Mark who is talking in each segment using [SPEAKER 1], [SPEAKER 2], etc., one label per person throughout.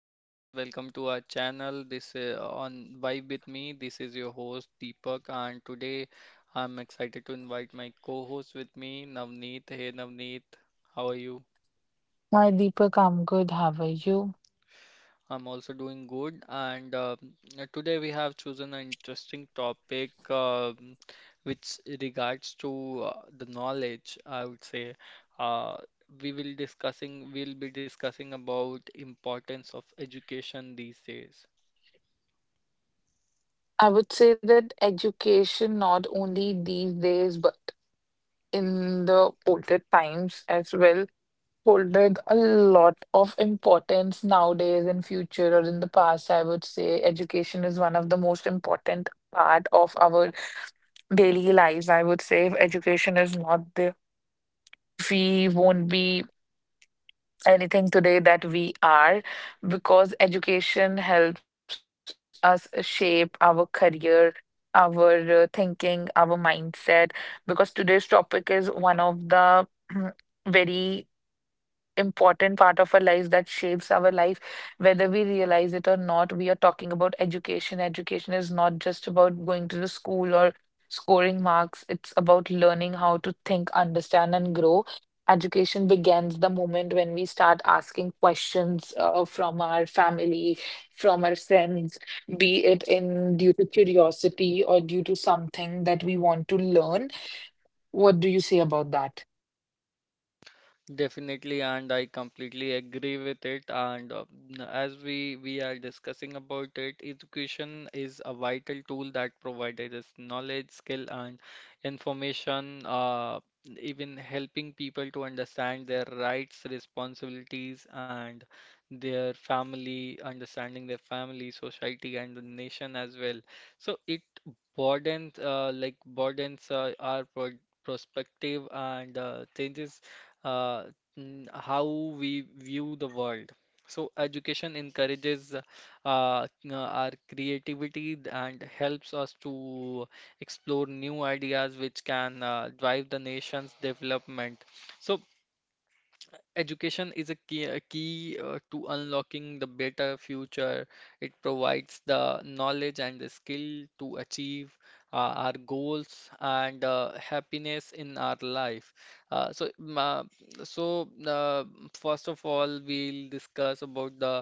[SPEAKER 1] Hey guys, welcome to our channel. This is On Vibe with me. This is your host Deepak, and today I'm excited to invite my co-host with me, Navneet. Hey Navneet, how are you?
[SPEAKER 2] Hi Deepak, I'm good. How are you?
[SPEAKER 1] I'm also doing good, and today we have chosen an interesting topic which regards to the knowledge, I would say. Uh, we'll be discussing about importance of education these days.
[SPEAKER 2] I would say that education, not only these days, but in the older times as well, holded a lot of importance nowadays in future or in the past. I would say education is one of the most important part of our daily lives. I would say if education is not there, we won't be anything today that we are because education helps us shape our career our thinking our mindset because today's topic is one of the very important part of our lives that shapes our life, whether we realize it or not. We are talking about education. Education is not just about going to the school or scoring marks. It's about learning how to think, understand, and grow. Education begins the moment when we start asking questions from our family, from our friends, be it in due to curiosity or due to something that we want to learn. What do you say about that?
[SPEAKER 1] Definitely, and I completely agree with it. And as we are discussing about it, education is a vital tool that provides us knowledge, skill, and information, even helping people to understand their rights, responsibilities, and their family, understanding their family, society, and the nation as well. So it broadens, broadens our pro perspective and changes uh, how we view the world. So education encourages our creativity and helps us to explore new ideas which can drive the nation's development. So education is a key to unlocking the better future. It provides the knowledge and the skill to achieve our goals and happiness in our life. Uh, so, ma so, uh, first of all, we'll discuss about the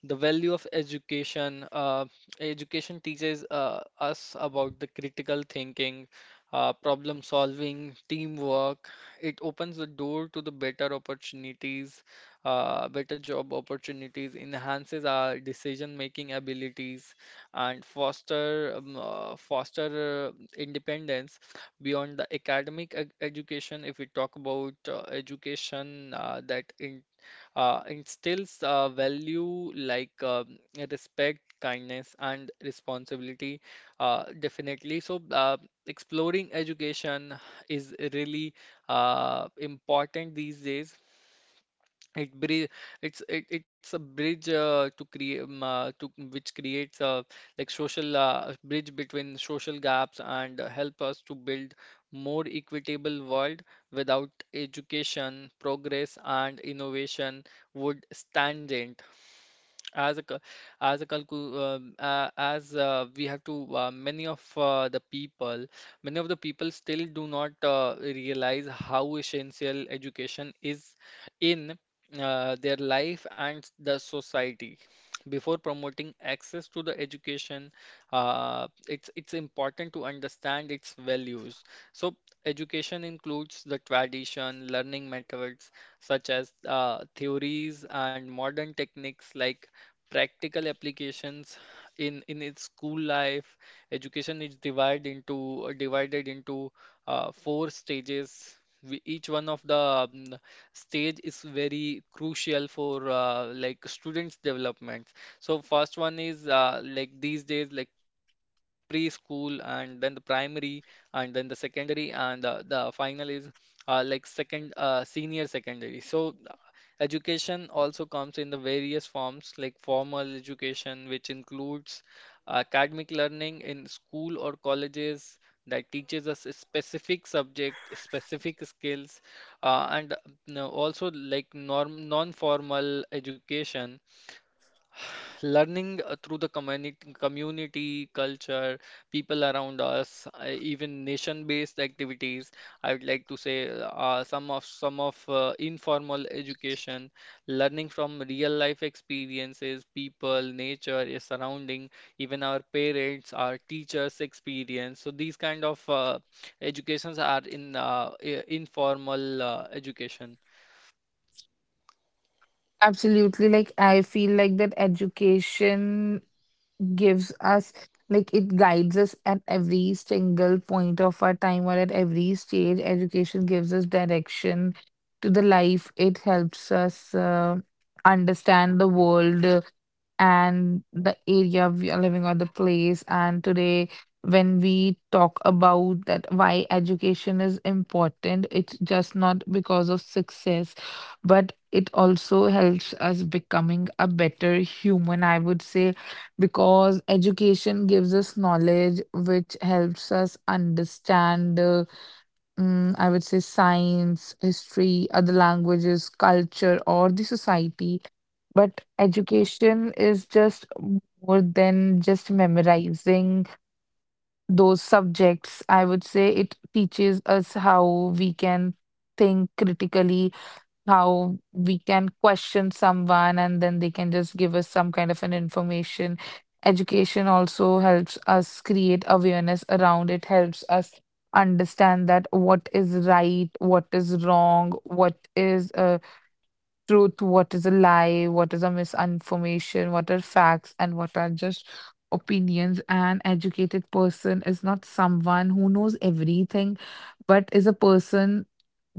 [SPEAKER 1] the value of education. Education teaches us about the critical thinking, problem solving, teamwork. It opens the door to the better opportunities, better job opportunities, enhances our decision making abilities, and foster independence beyond the education. If we talk about education instills value like respect, kindness, and responsibility, definitely. So, exploring education is really important these days. it bridge, it's a bridge to which creates social bridge between social gaps and help us to build more equitable world. Without education, progress and innovation would stagnate. As a cul- as a calcu as we have to many of the people Many of the people still do not realize how essential education is in their life and the society. Before promoting access to the education, it's important to understand its values. So education includes the tradition, learning methods such as theories and modern techniques like practical applications in its school life. Education is divided into four stages. Each one of the stage is very crucial for students development. So first one is these days like preschool, and then the primary, and then the secondary, and the final is like second senior secondary. So education also comes in the various forms like formal education, which includes academic learning in school or colleges that teaches us a specific subject, specific skills, and no- also like non-formal education, learning through the community, community culture, people around us, even nation-based activities. I would like to say some of informal education, learning from real life experiences, people, nature, your surrounding, even our parents, our teachers' experience. So these kind of educations are in informal education.
[SPEAKER 2] Absolutely. Like, I feel like that education gives us, like, it guides us at every single point of our time or at every stage. Education gives us direction to the life. It helps us understand the world and the area we are living or the place. And today, when we talk about that why education is important, it's just not because of success, but it also helps us becoming a better human, I would say, because education gives us knowledge which helps us understand. I would say science, history, other languages, culture, or the society but education is just more than just memorizing those subjects. I would say it teaches us how we can think critically, how we can question someone, and then they can just give us some kind of an information. Education also helps us create awareness around it, helps us understand that what is right, what is wrong, what is truth, what is a lie, what is a misinformation, what are facts, and what are just opinions. An educated person is not someone who knows everything, but is a person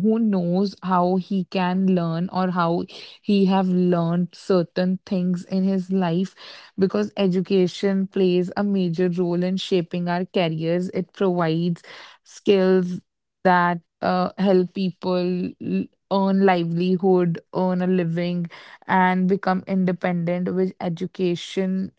[SPEAKER 2] who knows how he can learn or how he have learned certain things in his life because education plays a major role in shaping our careers. It provides skills that help people earn livelihood, earn a living, and become independent. With education,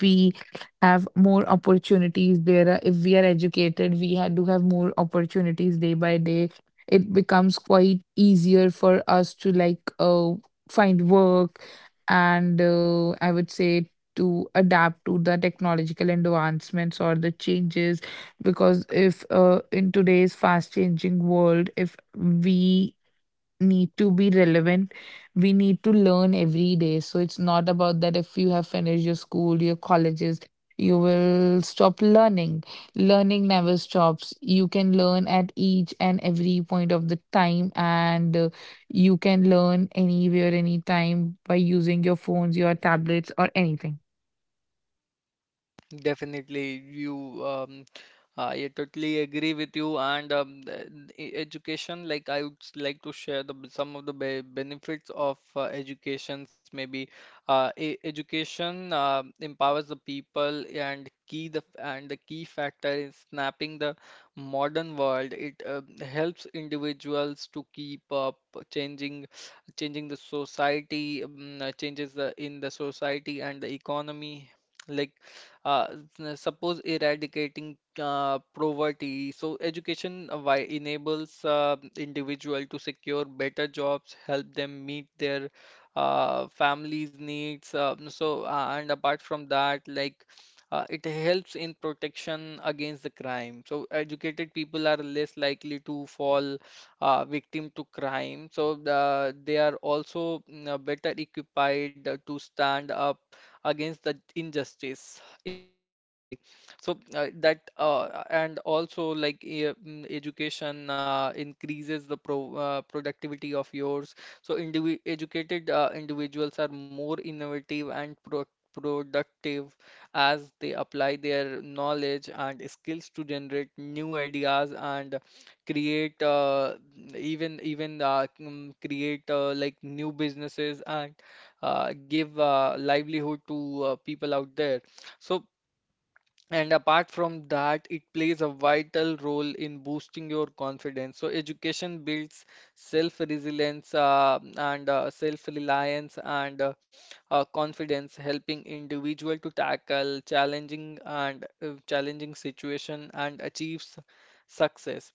[SPEAKER 2] we have more opportunities. There are, if we are educated, we ha do have more opportunities day by day. It becomes quite easier for us to like find work and I would say to adapt to the technological advancements or the changes because if in today's fast changing world if we need to be relevant. We need to learn every day. So it's not about that if you have finished your school, your colleges, you will stop learning. Learning never stops. You can learn at each and every point of the time, and you can learn anywhere, anytime by using your phones, your tablets, or anything.
[SPEAKER 1] Definitely, you. I totally agree with you. And the education, like I would like to share some of the be benefits of educations. Maybe e education empowers the people and the key factor in snapping the modern world. It helps individuals to keep up, changing changing the society, changes the, in the society and the economy. Like uh, suppose eradicating poverty. So education why enables individual to secure better jobs, help them meet their families' needs. And apart from that, it helps in protection against the crime. So educated people are less likely to fall victim to crime. So the, they are also better equipped to stand up against the injustice in the society. So that and also education increases the productivity of yours. So indivi educated individuals are more innovative and productive as they apply their knowledge and skills to generate new ideas and create create new businesses and give livelihood to people out there. So and apart from that, it plays a vital role in boosting your confidence. So education builds self-resilience and self-reliance and confidence, helping individual to tackle challenging situation and achieves success.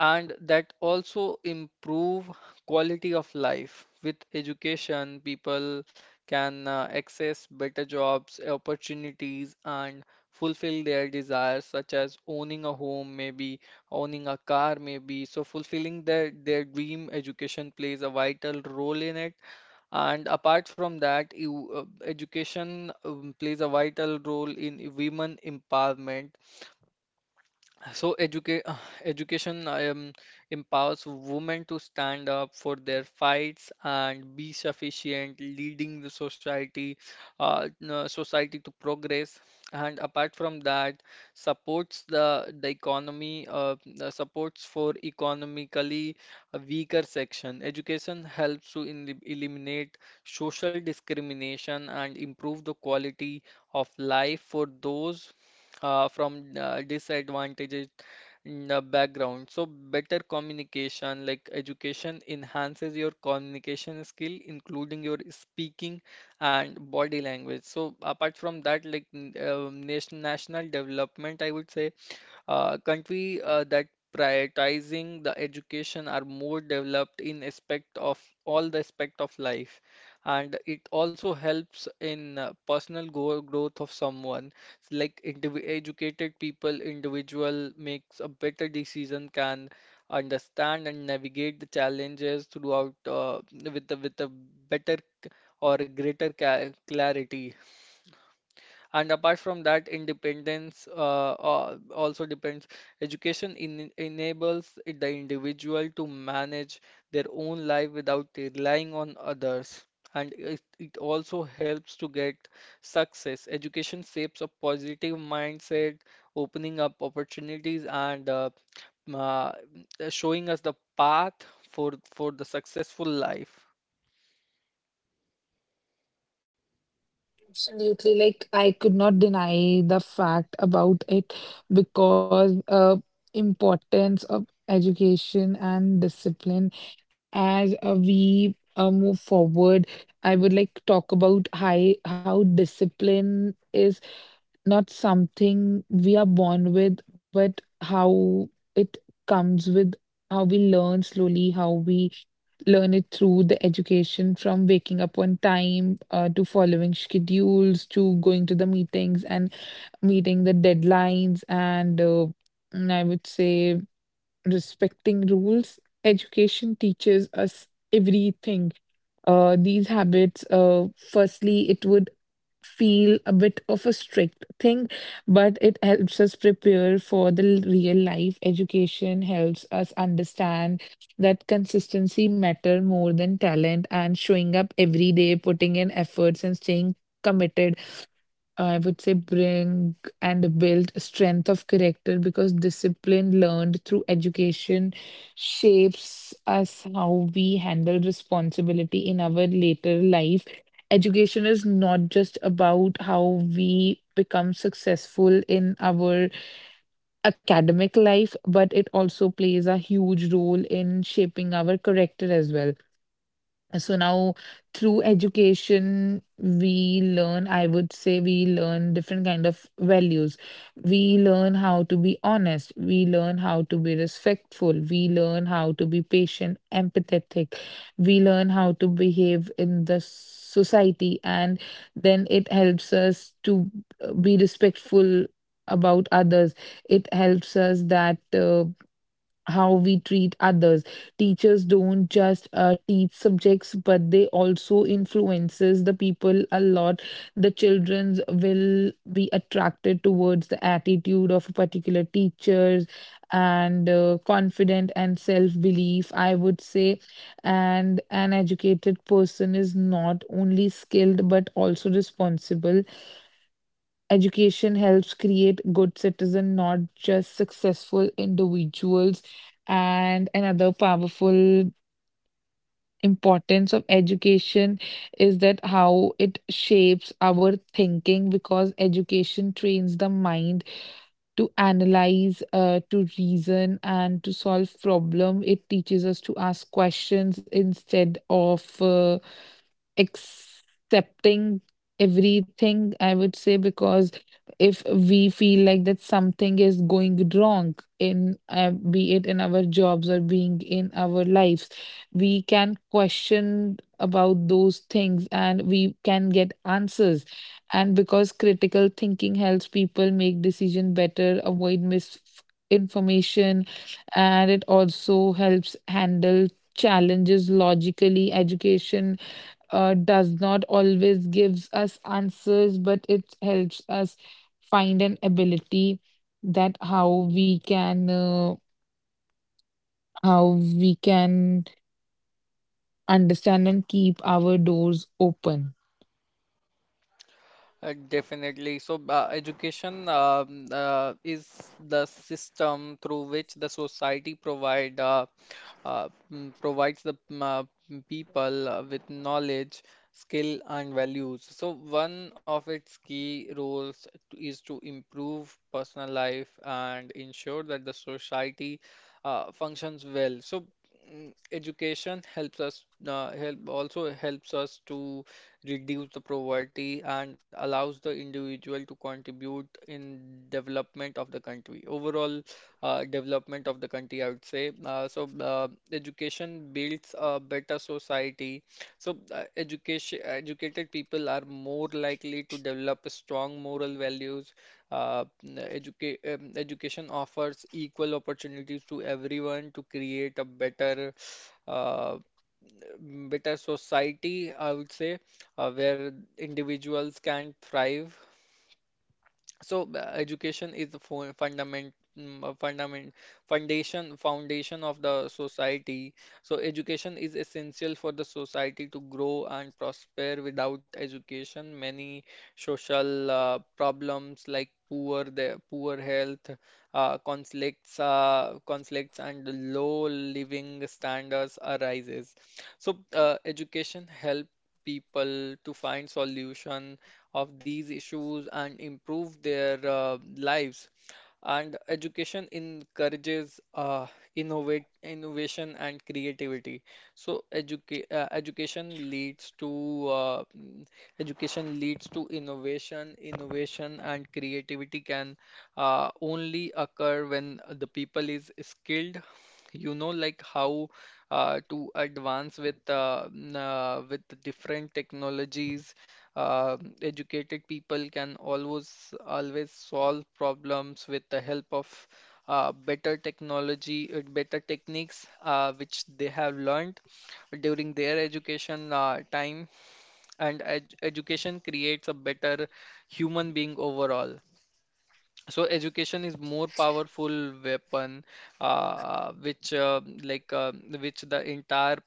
[SPEAKER 1] And that also improve quality of life. With education, people can access better jobs, opportunities, and fulfill their desires such as owning a home maybe, owning a car maybe, so fulfilling their dream. Education plays a vital role in it. And apart from that you, education plays a vital role in women empowerment. So education empowers women to stand up for their fights and be sufficient, leading the society, society to progress. And apart from that, supports the economy, the supports for economically weaker section. Education helps to in eliminate social discrimination and improve the quality of life for those from disadvantaged background. So better communication, like education, enhances your communication skill, including your speaking and body language. So apart from that, national development, I would say country that prioritizing the education are more developed in aspect of all the aspect of life, and it also helps in personal go growth of someone. Like indiv educated people, individual makes a better decision, can understand and navigate the challenges throughout with a better c- or greater ca clarity. And apart from that, independence also depends. Education in enables the individual to manage their own life without relying on others. And it also helps to get success. Education shapes a positive mindset, opening up opportunities and uh, showing us the path for the successful life.
[SPEAKER 2] Absolutely. Like, I could not deny the fact about it because importance of education and discipline as we move forward. I would like to talk about how discipline is not something we are born with, but how it comes with how we learn slowly, how we learn it through the education from waking up on time to following schedules to going to the meetings and meeting the deadlines and I would say respecting rules. Education teaches us everything. These habits, firstly, it would feel a bit of a strict thing, but it helps us prepare for the real life. Education helps us understand that consistency matter more than talent and showing up every day, putting in efforts and staying committed I would say bring and build strength of character because discipline learned through education shapes us how we handle responsibility in our later life. Education is not just about how we become successful in our academic life, but it also plays a huge role in shaping our character as well. So now, through education, we learn, I would say we learn different kind of values. We learn how to be honest. We learn how to be respectful. We learn how to be patient, empathetic. We learn how to behave in the society. And then it helps us to be respectful about others. It helps us that how we treat others. Teachers don't just teach subjects but they also influences the people a lot. The children will be attracted towards the attitude of a particular teachers and confident and self belief I would say. And an educated person is not only skilled but also responsible. Education helps create good citizens, not just successful individuals. And another powerful importance of education is that how it shapes our thinking because education trains the mind to analyze, to reason, and to solve problem. It teaches us to ask questions instead of accepting everything, I would say, because if we feel like that something is going wrong in be it in our jobs or being in our lives, we can question about those things and we can get answers. And because critical thinking helps people make decision better, avoid misinformation, and it also helps handle challenges logically. Education does not always gives us answers, but it helps us find an ability that how we can how we can understand and keep our doors open.
[SPEAKER 1] Definitely. So, education is the system through which the society provide mm, provides the people with knowledge, skill, and values. So, one of its key roles is to improve personal life and ensure that the society functions well. So, education helps us help also helps us to reduce the poverty, and allows the individual to contribute in development of the country. Overall, development of the country, I would say. Education builds a better society. So, education educated people are more likely to develop strong moral values. Education offers equal opportunities to everyone to create a better uh, better society, I would say, where individuals can thrive. So education is the fo- fundament mm, fundament foundation foundation of the society. So education is essential for the society to grow and prosper. Without education, many social problems like poor health, conflicts and low living standards arises. So education help people to find solution of these issues and improve their lives. And education encourages innovation and creativity. So uh, mm, education leads to innovation. Innovation and creativity can only occur when the people is skilled. You know, like how to advance with with different technologies. Educated people can always solve problems with the help of better technology, better techniques which they have learned during their education time. And ed education creates a better human being overall. So education is more powerful weapon, uh, which uh, like uh, which the entire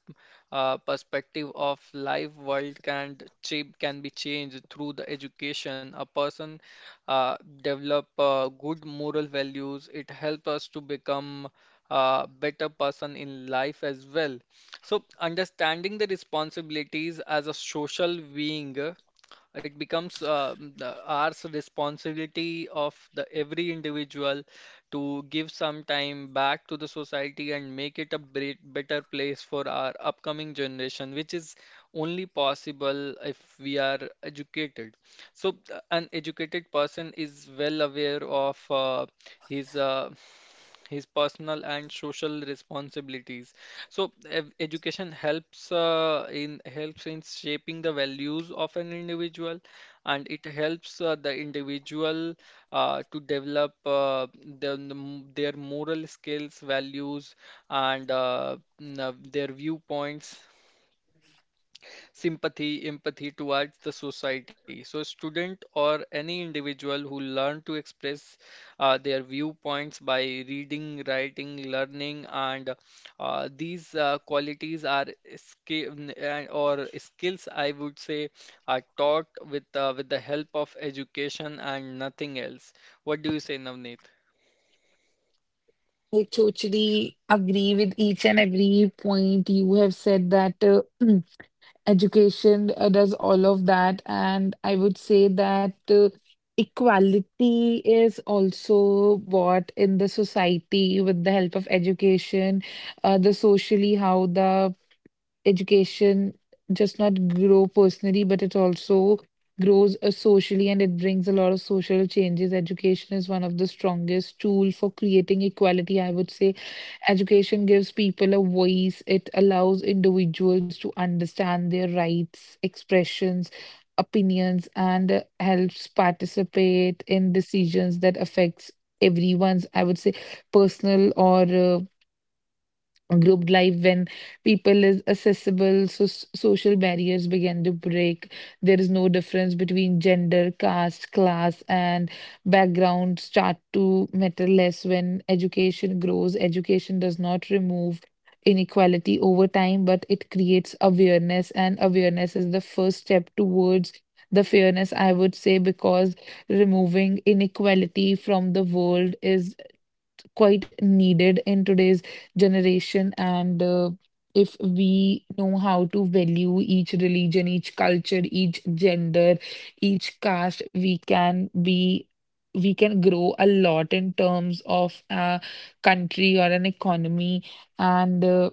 [SPEAKER 1] perspective of life world can be changed through the education. A person uh, develop good moral values. It helps us to become a better person in life as well. So understanding the responsibilities as a social being, it becomes our responsibility of the every individual to give some time back to the society and make it a better place for our upcoming generation, which is only possible if we are educated. So, an educated person is well aware of his uh, his personal and social responsibilities. So ev- education helps in helps in shaping the values of an individual, and it helps the individual to develop their moral skills, values, and their viewpoints, sympathy, empathy towards the society. So, a student or any individual who learn to express their viewpoints by reading, writing, learning, and these qualities are skill skills, I would say, are taught with with the help of education and nothing else. What do you say, Navneet?
[SPEAKER 2] I totally agree with each and every point you have said that education does all of that. And I would say that equality is also bought in the society with the help of education, the socially how the education just not grow personally, but it also grows socially and it brings a lot of social changes. Education is one of the strongest tool for creating equality. I would say education gives people a voice. It allows individuals to understand their rights, expressions, opinions, and helps participate in decisions that affects everyone's, I would say, personal or group life. When people is accessible, so social barriers begin to break. There is no difference between gender, caste, class, and background start to matter less when education grows. Education does not remove inequality over time, but it creates awareness, and awareness is the first step towards the fairness, I would say, because removing inequality from the world is quite needed in today's generation. And if we know how to value each religion, each culture, each gender, each caste, we can be. We can grow a lot in terms of a country or an economy, and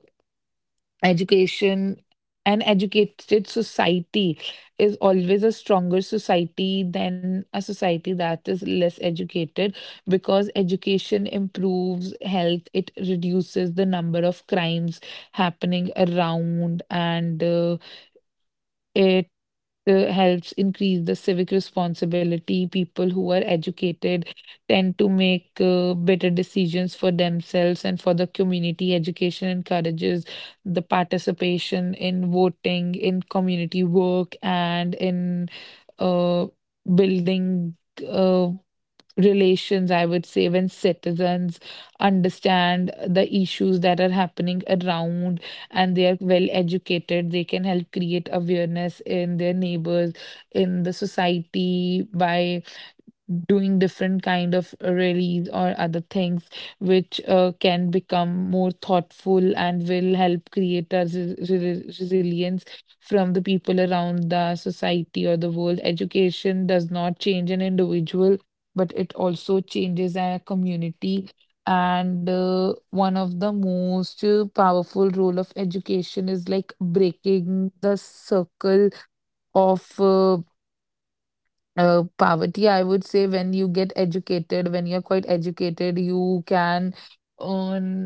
[SPEAKER 2] education an educated society is always a stronger society than a society that is less educated because education improves health. It reduces the number of crimes happening around and it helps increase the civic responsibility. People who are educated tend to make better decisions for themselves and for the community. Education encourages the participation in voting, in community work, and in uh, building. Uh, Relations, I would say, when citizens understand the issues that are happening around and they are well educated, they can help create awareness in their neighbors, in the society by doing different kind of rallies or other things which can become more thoughtful and will help create a resilience from the people around the society or the world. Education does not change an individual but it also changes a community, and one of the most powerful role of education is like breaking the circle of poverty, I would say. When you get educated, when you're quite educated, you can earn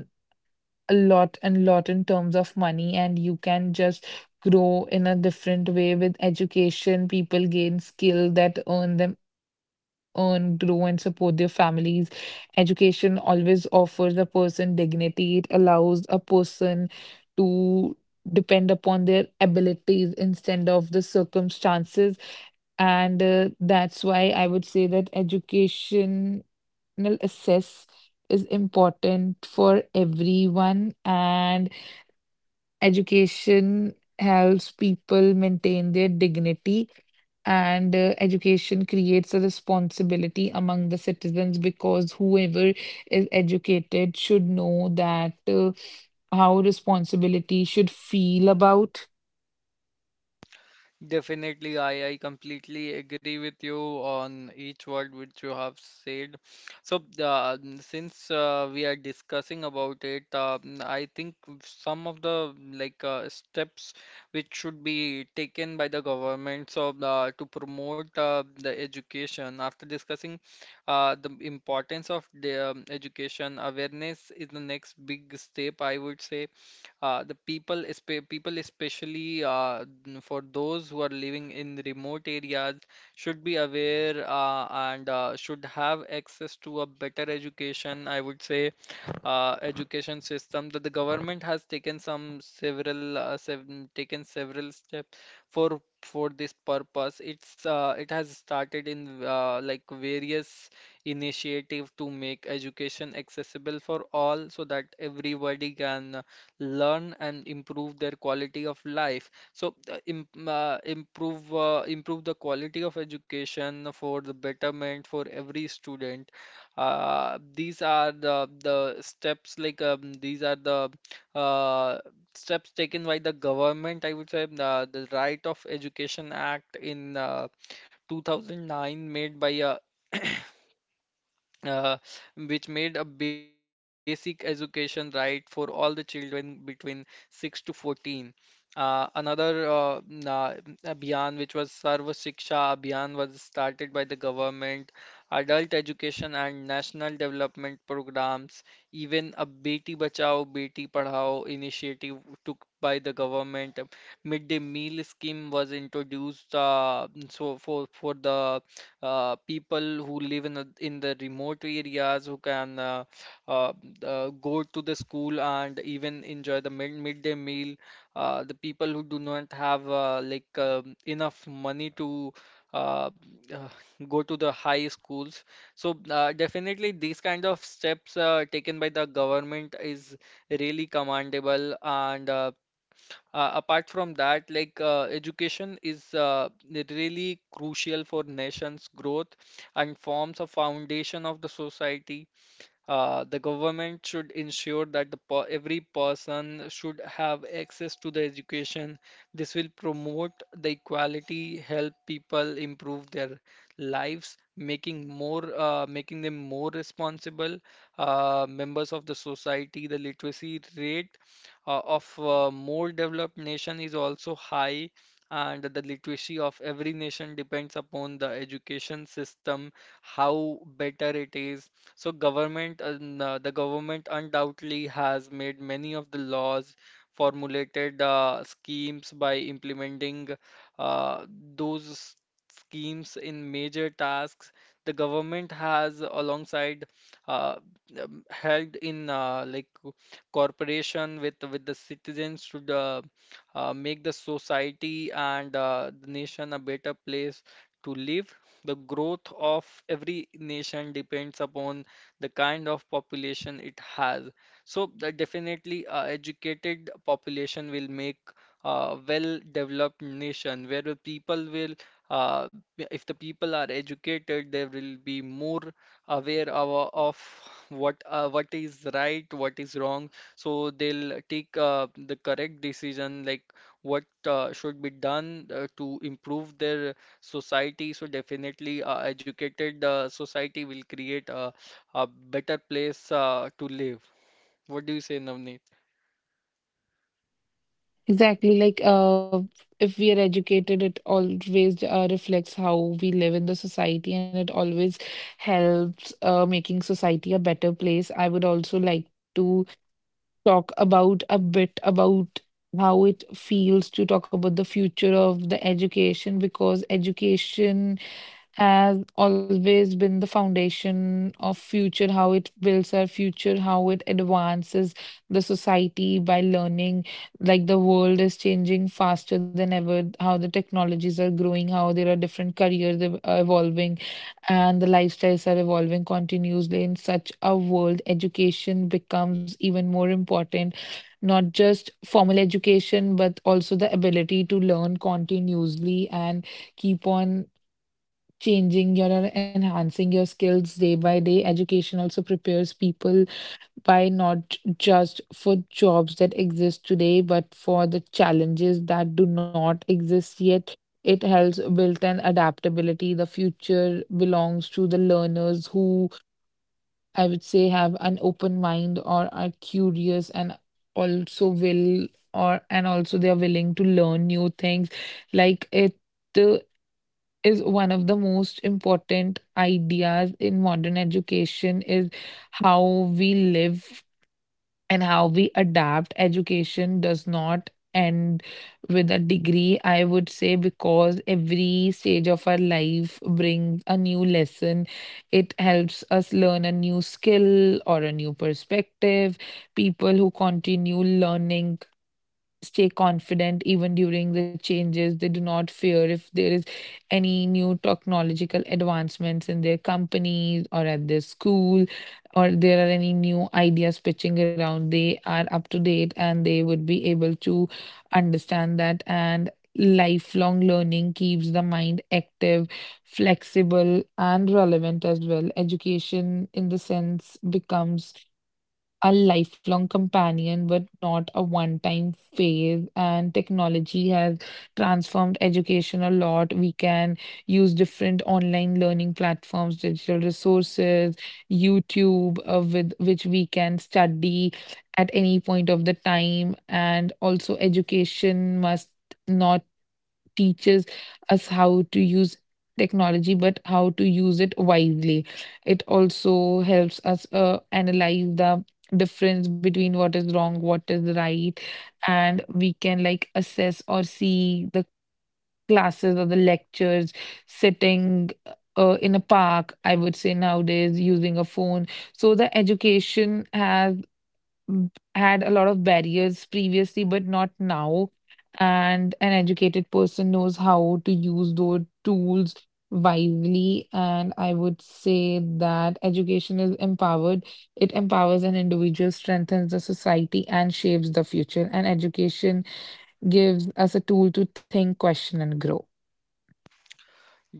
[SPEAKER 2] a lot and lot in terms of money, and you can just grow in a different way with education. People gain skill that earn them earn, grow, and support their families. Education always offers a person dignity. It allows a person to depend upon their abilities instead of the circumstances, and that's why I would say that educational access is important for everyone. And education helps people maintain their dignity, and education creates a responsibility among the citizens because whoever is educated should know that how responsibility should feel about.
[SPEAKER 1] Definitely, I completely agree with you on each word which you have said. So, since we are discussing about it, I think some of the steps which should be taken by the government to promote the education. After discussing the importance of the education, awareness is the next big step, I would say. People especially for those who are living in the remote areas, should be aware and should have access to a better education. I would say education system that the government has taken several steps for this purpose. It has started in various initiative to make education accessible for all so that everybody can learn and improve their quality of life. So im improve Improve the quality of education for the betterment for every student. These are the steps like these are the uh, steps taken by the government. I would say the Right of Education Act in 2009 made by a uh, which made a basic education right for all the children between 6 to 14. Uh, another uh, na- Abhiyan, which was Sarva Shiksha Abhiyan, was started by the government. Adult education and national development programs, even a Beti Bachao, Beti Padhao initiative took by the government. Midday meal scheme was introduced for the people who live in the remote areas who can uh, go to the school and even enjoy the midday meal. The people who do not have enough money to uh, uh, go to the high schools. Definitely these kind of steps taken by the government is really commendable and apart from that, education is really crucial for nation's growth and forms a foundation of the society. The government should ensure that the per every person should have access to the education. This will promote the equality, help people improve their lives, making them more responsible members of the society. The literacy rate of more developed nation is also high, and the literacy of every nation depends upon the education system, how better it is. The government undoubtedly has made many of the laws, formulated schemes by implementing uh, those s- schemes in major tasks. The government has, alongside, uh, held cooperation with the citizens to make the society and the nation a better place to live. The growth of every nation depends upon the kind of population it has. So that definitely educated population will make a well-developed nation where the people will uh, if the people are educated, they will be more aware of what is right, what is wrong. So they'll take the correct decision, like what should be done to improve their society. So definitely, educated society will create a better place to live. What do you say, Navneet?
[SPEAKER 2] Exactly, like if we are educated, it always reflects how we live in the society, and it always helps making society a better place. I would also like to talk about a bit about how it feels to talk about the future of the education because education has always been the foundation of future, how it builds our future, how it advances the society by learning. Like the world is changing faster than ever, how the technologies are growing, how there are different careers evolving and the lifestyles are evolving continuously. In such a world education becomes even more important, not just formal education but also the ability to learn continuously and keep on changing your enhancing your skills day by day. Education also prepares people by not just for jobs that exist today, but for the challenges that do not exist yet. It helps build an adaptability. The future belongs to the learners who I would say have an open mind or are curious and also will or and also they are willing to learn new things. Like it uh, is one of the most important ideas in modern education is how we live and how we adapt. Education does not end with a degree I would say because every stage of our life brings a new lesson. It helps us learn a new skill or a new perspective. People who continue learning stay confident even during the changes. They do not fear if there is any new technological advancements in their companies or at their school, or there are any new ideas pitching around. They are up to date and they would be able to understand that. And lifelong learning keeps the mind active, flexible, and relevant as well. Education, in the sense, becomes a lifelong companion, but not a one time phase. And technology has transformed education a lot. We can use different online learning platforms, digital resources, YouTube, with which we can study at any point of the time. And also, education must. Not teaches us how to use technology but how to use it wisely. It also helps us analyze the difference between what is wrong what is right, and we can like assess or see the classes or the lectures sitting in a park I would say nowadays using a phone. So the education has had a lot of barriers previously, but not now. And an educated person knows how to use those tools wisely. And I would say that education is empowered. It empowers an individual, strengthens the society, and shapes the future. And education gives us a tool to think, question, and grow.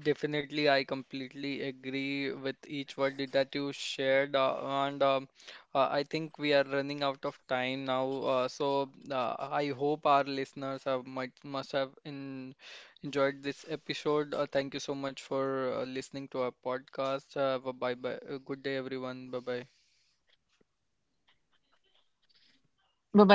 [SPEAKER 1] Definitely, I completely agree with each word that you shared, and I think we are running out of time now. I hope our listeners have might must have in, enjoyed this episode. Thank you so much for listening to our podcast. Bye bye. Good day, everyone. Bye bye.
[SPEAKER 2] Bye bye.